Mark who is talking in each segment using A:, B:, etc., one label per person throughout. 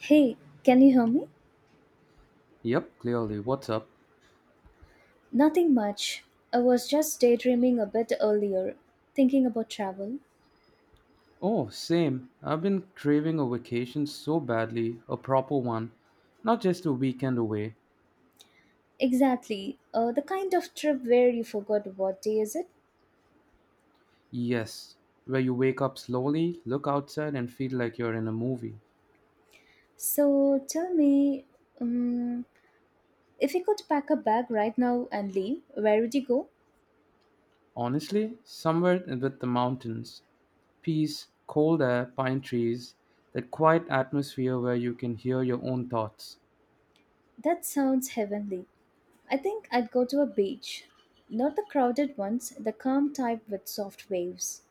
A: Hey, can you hear me?
B: Yep, clearly. What's up?
A: Nothing much. I was just daydreaming a bit earlier, thinking about travel.
B: Oh, same. I've been craving a vacation so badly, a proper one. Not just a weekend away.
A: Exactly, the kind of trip where you forgot what day is it.
B: Yes, where you wake up slowly, look outside, and feel like you're in a movie.
A: So tell me, um, if you could pack a bag right now and leave, where would you go?
B: Honestly, somewhere with the mountains. Peace, cold air, pine trees, that quiet atmosphere where you can hear your own thoughts.
A: That sounds heavenly. I think I'd go to a beach. Not the crowded ones, the calm type with soft waves.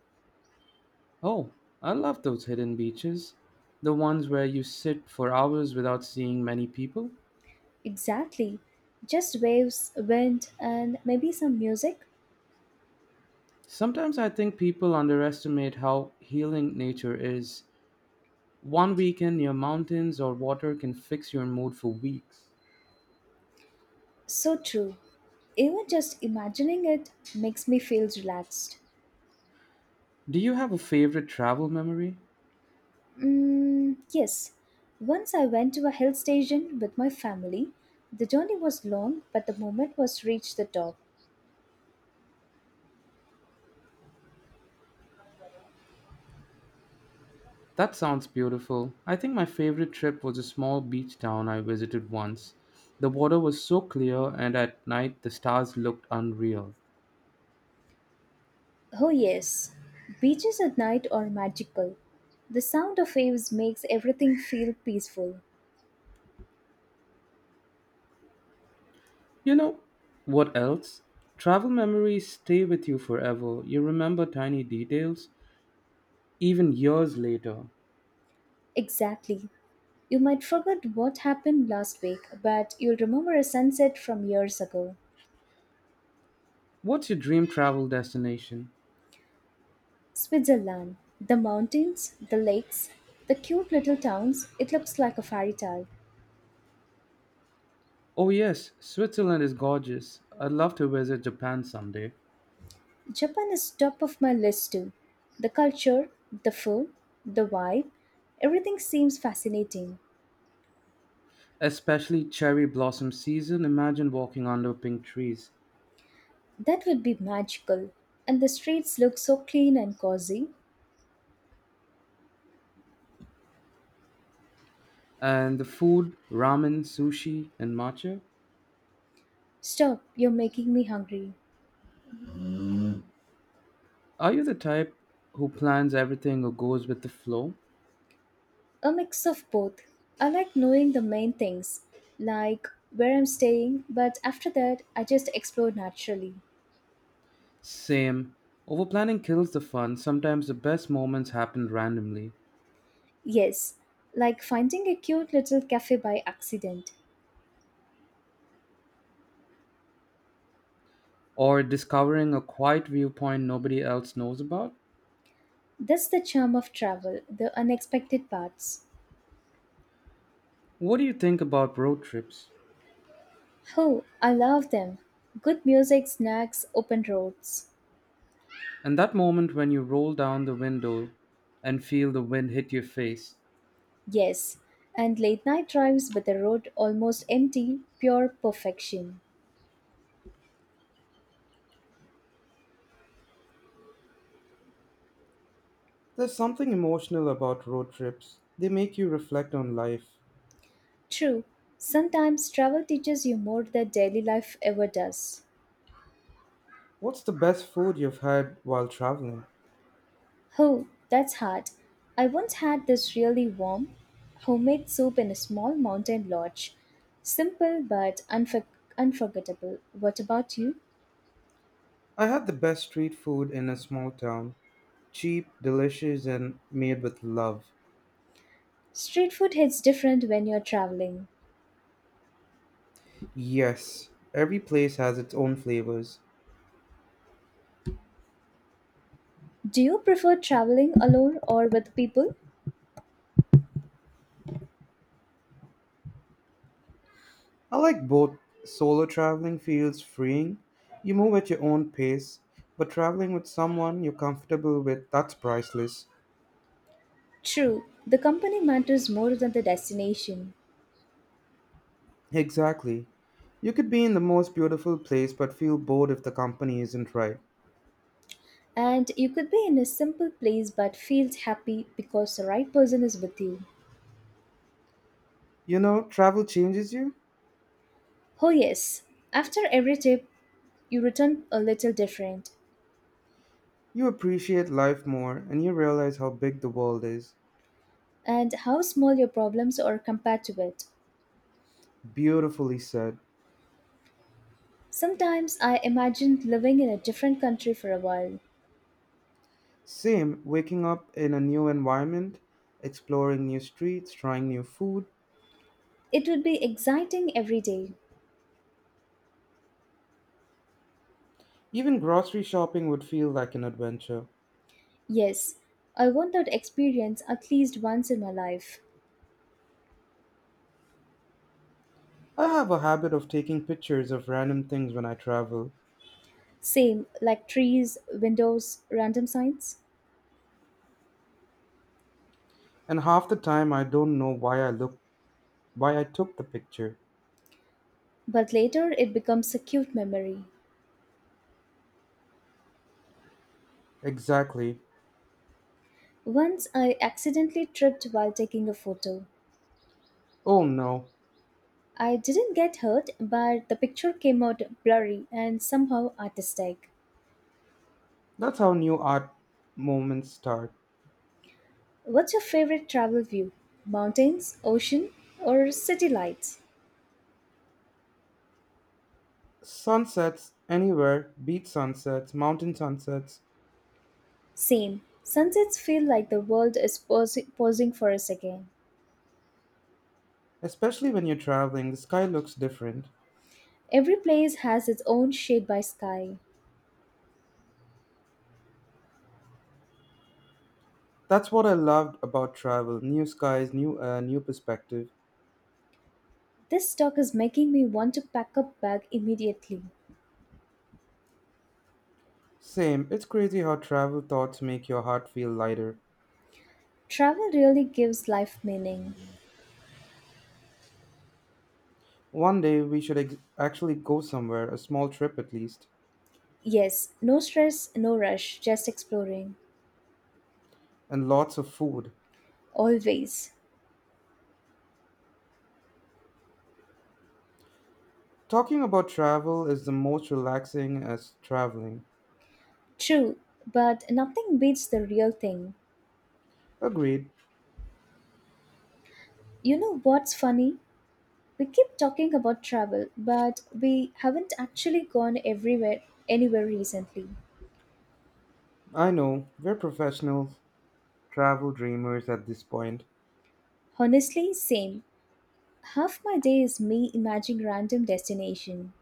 B: Oh, I love those hidden beaches. The ones where you sit for hours without seeing many people.
A: Exactly. Just waves, wind, and maybe some music.
B: Sometimes I think people underestimate how healing nature is. One weekend near mountains or water can fix your mood for weeks.
A: So true. Even just imagining it makes me feel relaxed.
B: Do you have a favorite travel memory?
A: Mm, yes. Once I went to a hill station with my family. The journey was long, but the moment was reached the top.
B: That sounds beautiful. I think my favorite trip was a small beach town I visited once. The water was so clear, and at night the stars looked unreal.
A: Oh yes, beaches at night are magical. The sound of waves makes everything feel peaceful.
B: You know what else? Travel memories stay with you forever. You remember tiny details, even years later.
A: Exactly. You might forget what happened last week, but you'll remember a sunset from years ago.
B: What's your dream travel destination?
A: Switzerland. The mountains, the lakes, the cute little towns, it looks like a fairy tale.
B: Oh, yes, Switzerland is gorgeous. I'd love to visit Japan someday,
A: Japan is top of my list too. The culture, the food, the vibe, everything seems fascinating.
B: especially cherry blossom season. Imagine walking under pink trees.
A: That would be magical. And the streets look so clean and cozy.
B: And the food ramen, sushi, and matcha.
A: Stop, you're making me hungry.
B: Are you the type who plans everything or goes with the flow?
A: A mix of both. I like knowing the main things, like where I'm staying, but after that, I just explore naturally.
B: Same. Overplanning kills the fun. Sometimes the best moments happen randomly,
A: Yes, like finding a cute little cafe by accident.
B: or discovering a quiet viewpoint nobody else knows about.
A: That's the charm of travel, the unexpected parts.
B: What do you think about road trips?
A: Oh, I love them. Good music, snacks, open roads.
B: And that moment when you roll down the window and feel the wind hit your face.
A: Yes, and late night drives with the road almost empty, pure perfection.
B: There's something emotional about road trips. They make you reflect on life.
A: True, sometimes travel teaches you more than daily life ever does.
B: What's the best food you've had while traveling?
A: Oh, that's hard. I once had this really warm, homemade soup in a small mountain lodge. Simple but unforgettable. What about you?
B: I had the best street food in a small town. Cheap, delicious, and made with love.
A: Street food hits different when you're traveling.
B: Yes, every place has its own flavors.
A: Do you prefer traveling alone or with people?
B: I like both. Solo traveling feels freeing. You move at your own pace, but traveling with someone you're comfortable with, that's priceless.
A: True, the company matters more than the destination.
B: Exactly. You could be in the most beautiful place but feel bored if the company isn't right.
A: And you could be in a simple place but feels happy because the right person is with you.
B: You know, travel changes you.
A: Oh, yes. After every trip, you return a little different.
B: You appreciate life more and you realize how big the world is.
A: And how small your problems are compared to it.
B: Beautifully said.
A: Sometimes I imagined living in a different country for a while.
B: Same, waking up in a new environment, exploring new streets, trying new food.
A: It would be exciting every day.
B: Even grocery shopping would feel like an adventure.
A: Yes, I want that experience at least once in my life.
B: I have a habit of taking pictures of random things when I travel,
A: Same, like trees, windows, random signs.
B: and half the time I don't know why I took the picture.
A: But later it becomes a cute memory.
B: Exactly.
A: Once I accidentally tripped while taking a photo.
B: Oh no,
A: I didn't get hurt, but the picture came out blurry and somehow artistic.
B: that's how new art movements start.
A: What's your favorite travel view? Mountains, ocean, or city lights?
B: Sunsets anywhere, beach sunsets, mountain sunsets,
A: Same. Sunsets feel like the world is pausing for us again.
B: especially when you're traveling, the sky looks different.
A: Every place has its own shade by sky.
B: That's what I loved about travel new skies, new air, new perspective.
A: This talk is making me want to pack up bag immediately.
B: Same, it's crazy how travel thoughts make your heart feel lighter.
A: Travel really gives life meaning.
B: One day we should actually go somewhere, a small trip at least,
A: Yes, no stress, no rush, just exploring.
B: and lots of food.
A: Always.
B: Talking about travel is the most relaxing as traveling.
A: True, but nothing beats the real thing.
B: Agreed.
A: You know what's funny? We keep talking about travel, but we haven't actually gone everywhere anywhere recently.
B: I know, we're professional travel dreamers at this point.
A: Honestly, same. Half my day is me imagining random destination.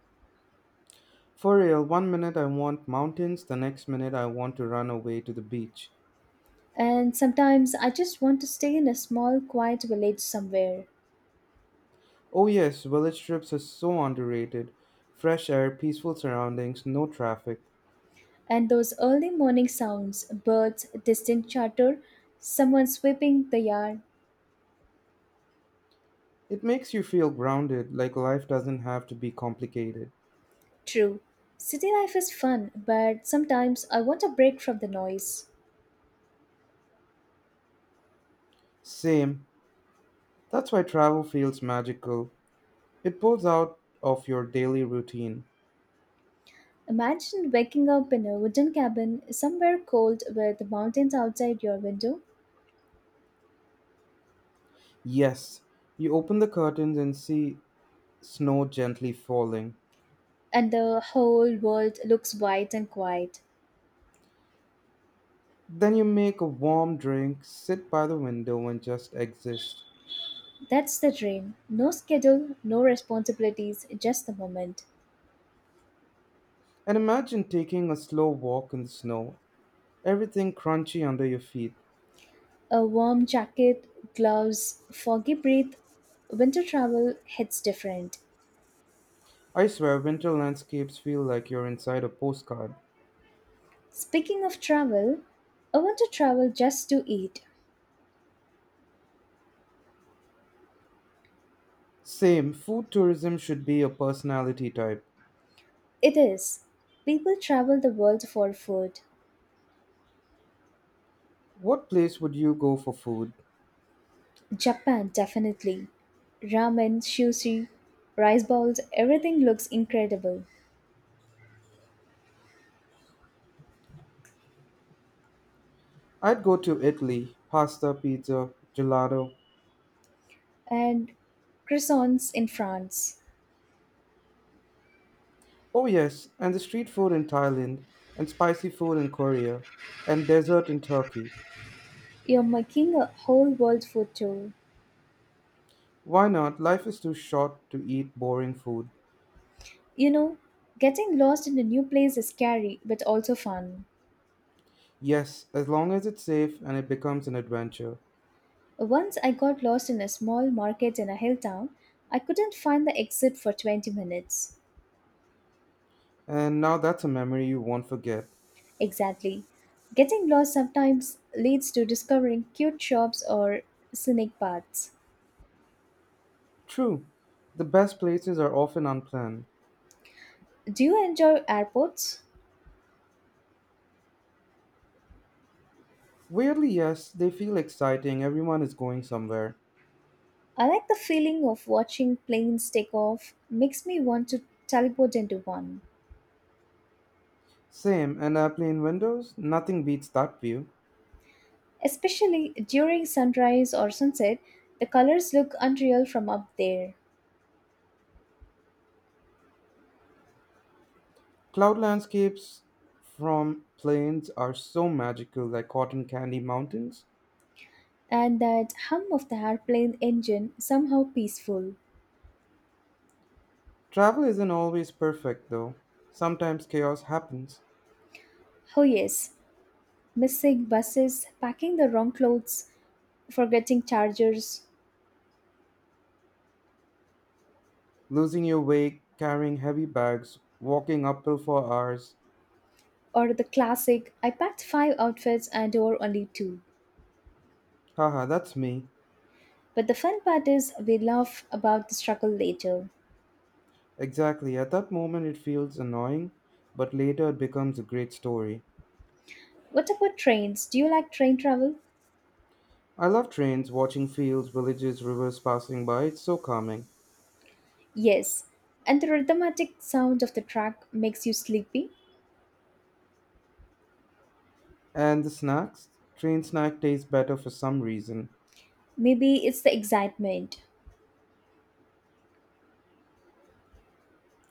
B: For real, one minute I want mountains, the next minute I want to run away to the beach.
A: And sometimes I just want to stay in a small quiet village somewhere.
B: Oh, yes, village trips are so underrated. Fresh air, peaceful surroundings, no traffic.
A: And those early morning sounds, birds, distant chatter, someone sweeping the yard.
B: It makes you feel grounded, like life doesn't have to be complicated.
A: True. City life is fun, but sometimes I want a break from the noise.
B: Same. That's why travel feels magical. It pulls out of your daily routine.
A: Imagine waking up in a wooden cabin somewhere cold with mountains outside your window,
B: Yes, you open the curtains and see snow gently falling.
A: and the whole world looks white and quiet.
B: Then you make a warm drink, sit by the window, and just exist.
A: That's the dream. No schedule, no responsibilities, just the moment.
B: And imagine taking a slow walk in the snow, everything crunchy under your feet.
A: A warm jacket, gloves, foggy breath, winter travel hits different.
B: I swear, winter landscapes feel like you're inside a postcard.
A: Speaking of travel, I want to travel just to eat.
B: Same, food tourism should be a personality type.
A: It is. People travel the world for food.
B: What place would you go for food?
A: Japan, definitely. Ramen, sushi, rice balls, everything looks incredible.
B: I'd go to Italy, pasta, pizza, gelato.
A: And croissants in France.
B: Oh, yes, and the street food in Thailand, and spicy food in Korea, and dessert in Turkey.
A: You're making a whole world food tour.
B: Why not? Life is too short to eat boring food.
A: You know, getting lost in a new place is scary but also fun.
B: Yes, as long as it's safe and it becomes an adventure.
A: Once I got lost in a small market in a hill town, I couldn't find the exit for 20 minutes.
B: And now that's a memory you won't forget.
A: Exactly. Getting lost sometimes leads to discovering cute shops or scenic paths.
B: True, the best places are often unplanned.
A: Do you enjoy airports?
B: Weirdly, yes, they feel exciting, everyone is going somewhere.
A: I like the feeling of watching planes take off, makes me want to teleport into one.
B: Same, and airplane windows? Nothing beats that view.
A: Especially during sunrise or sunset, the colors look unreal from up there.
B: Cloud landscapes from planes are so magical, like cotton candy mountains.
A: And that hum of the airplane engine somehow peaceful.
B: Travel isn't always perfect, though. Sometimes chaos happens.
A: Oh yes, missing buses, packing the wrong clothes, forgetting chargers,
B: Losing your way, carrying heavy bags, walking uphill for hours.
A: or the classic I packed five outfits and wore only two.
B: Haha, that's me.
A: But the fun part is we laugh about the struggle later.
B: Exactly. At that moment, it feels annoying, but later it becomes a great story.
A: What about trains? Do you like train travel?
B: I love trains, watching fields, villages, rivers passing by. It's so calming.
A: Yes, and the rhythmatic sound of the track makes you sleepy.
B: And the snacks? Train snack tastes better for some reason.
A: Maybe it's the excitement,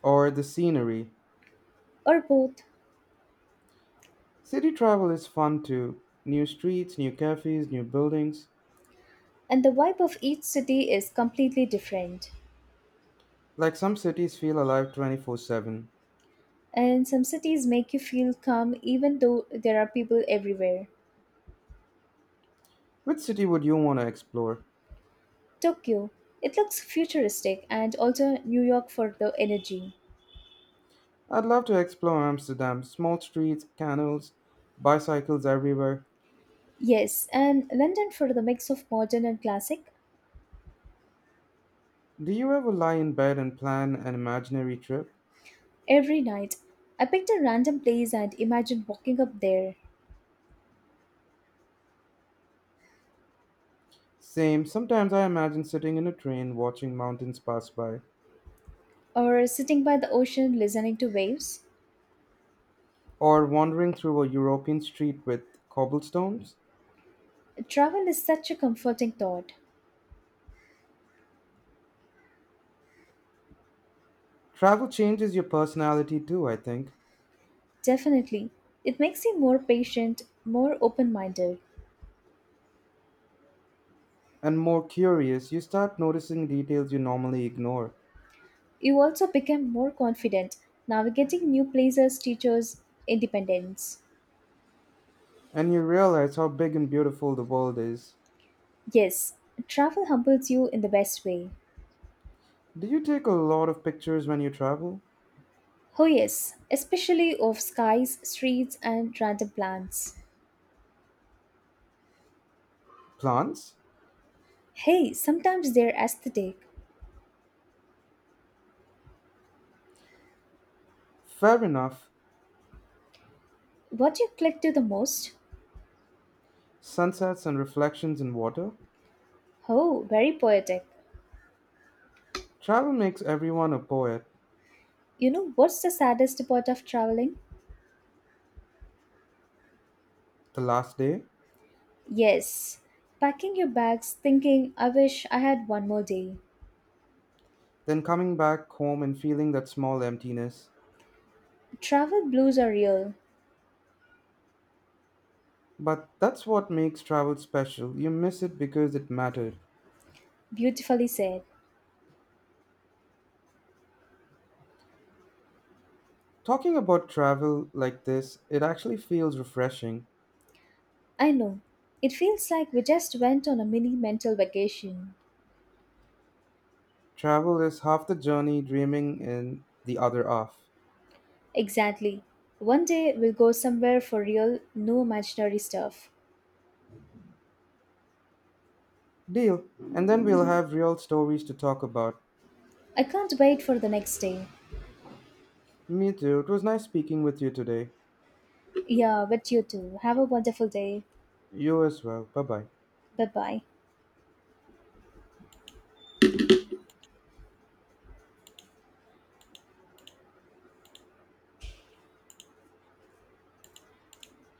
B: Or the scenery.
A: or both.
B: City travel is fun too. New streets, new cafes, new buildings.
A: And the vibe of each city is completely different.
B: Like some cities feel alive 24/7.
A: And some cities make you feel calm even though there are people everywhere.
B: Which city would you want to explore?
A: Tokyo, it looks futuristic, and also New York for the energy.
B: I'd love to explore Amsterdam. Small streets, canals, bicycles everywhere.
A: Yes, and London for the mix of modern and classic.
B: Do you ever lie in bed and plan an imaginary trip?
A: Every night, I picked a random place and imagined walking up there,
B: Same, sometimes I imagine sitting in a train watching mountains pass by,
A: or sitting by the ocean listening to waves.
B: or wandering through a European street with cobblestones.
A: Travel is such a comforting thought.
B: Travel changes your personality too, I think,
A: Definitely. It makes you more patient, more open minded.
B: and more curious, you start noticing details you normally ignore,
A: You also become more confident navigating new places, teachers, independence.
B: and you realize how big and beautiful the world is.
A: Yes, travel humbles you in the best way.
B: Do you take a lot of pictures when you travel?
A: Oh, yes, especially of skies, streets, and random plants.
B: Plants?
A: Hey, sometimes they're aesthetic.
B: Fair enough.
A: What you click to the most?
B: Sunsets and reflections in water.
A: Oh, very poetic.
B: Travel makes everyone a poet.
A: You know what's the saddest part of traveling?
B: The last day,
A: Yes, packing your bags thinking, I wish I had one more day.
B: then coming back home and feeling that small emptiness.
A: Travel blues are real,
B: But that's what makes travel special. You miss it because it mattered.
A: beautifully said.
B: Talking about travel like this, it actually feels refreshing.
A: I know. It feels like we just went on a mini mental vacation.
B: Travel is half the journey, dreaming in the other half.
A: Exactly. One day we'll go somewhere for real, no imaginary stuff.
B: Deal. And then we'll have real stories to talk about.
A: I can't wait for the next day.
B: Me too. It was nice speaking with you today.
A: Yeah, but you too. Have a wonderful day.
B: You as well. Bye bye.
A: Bye bye.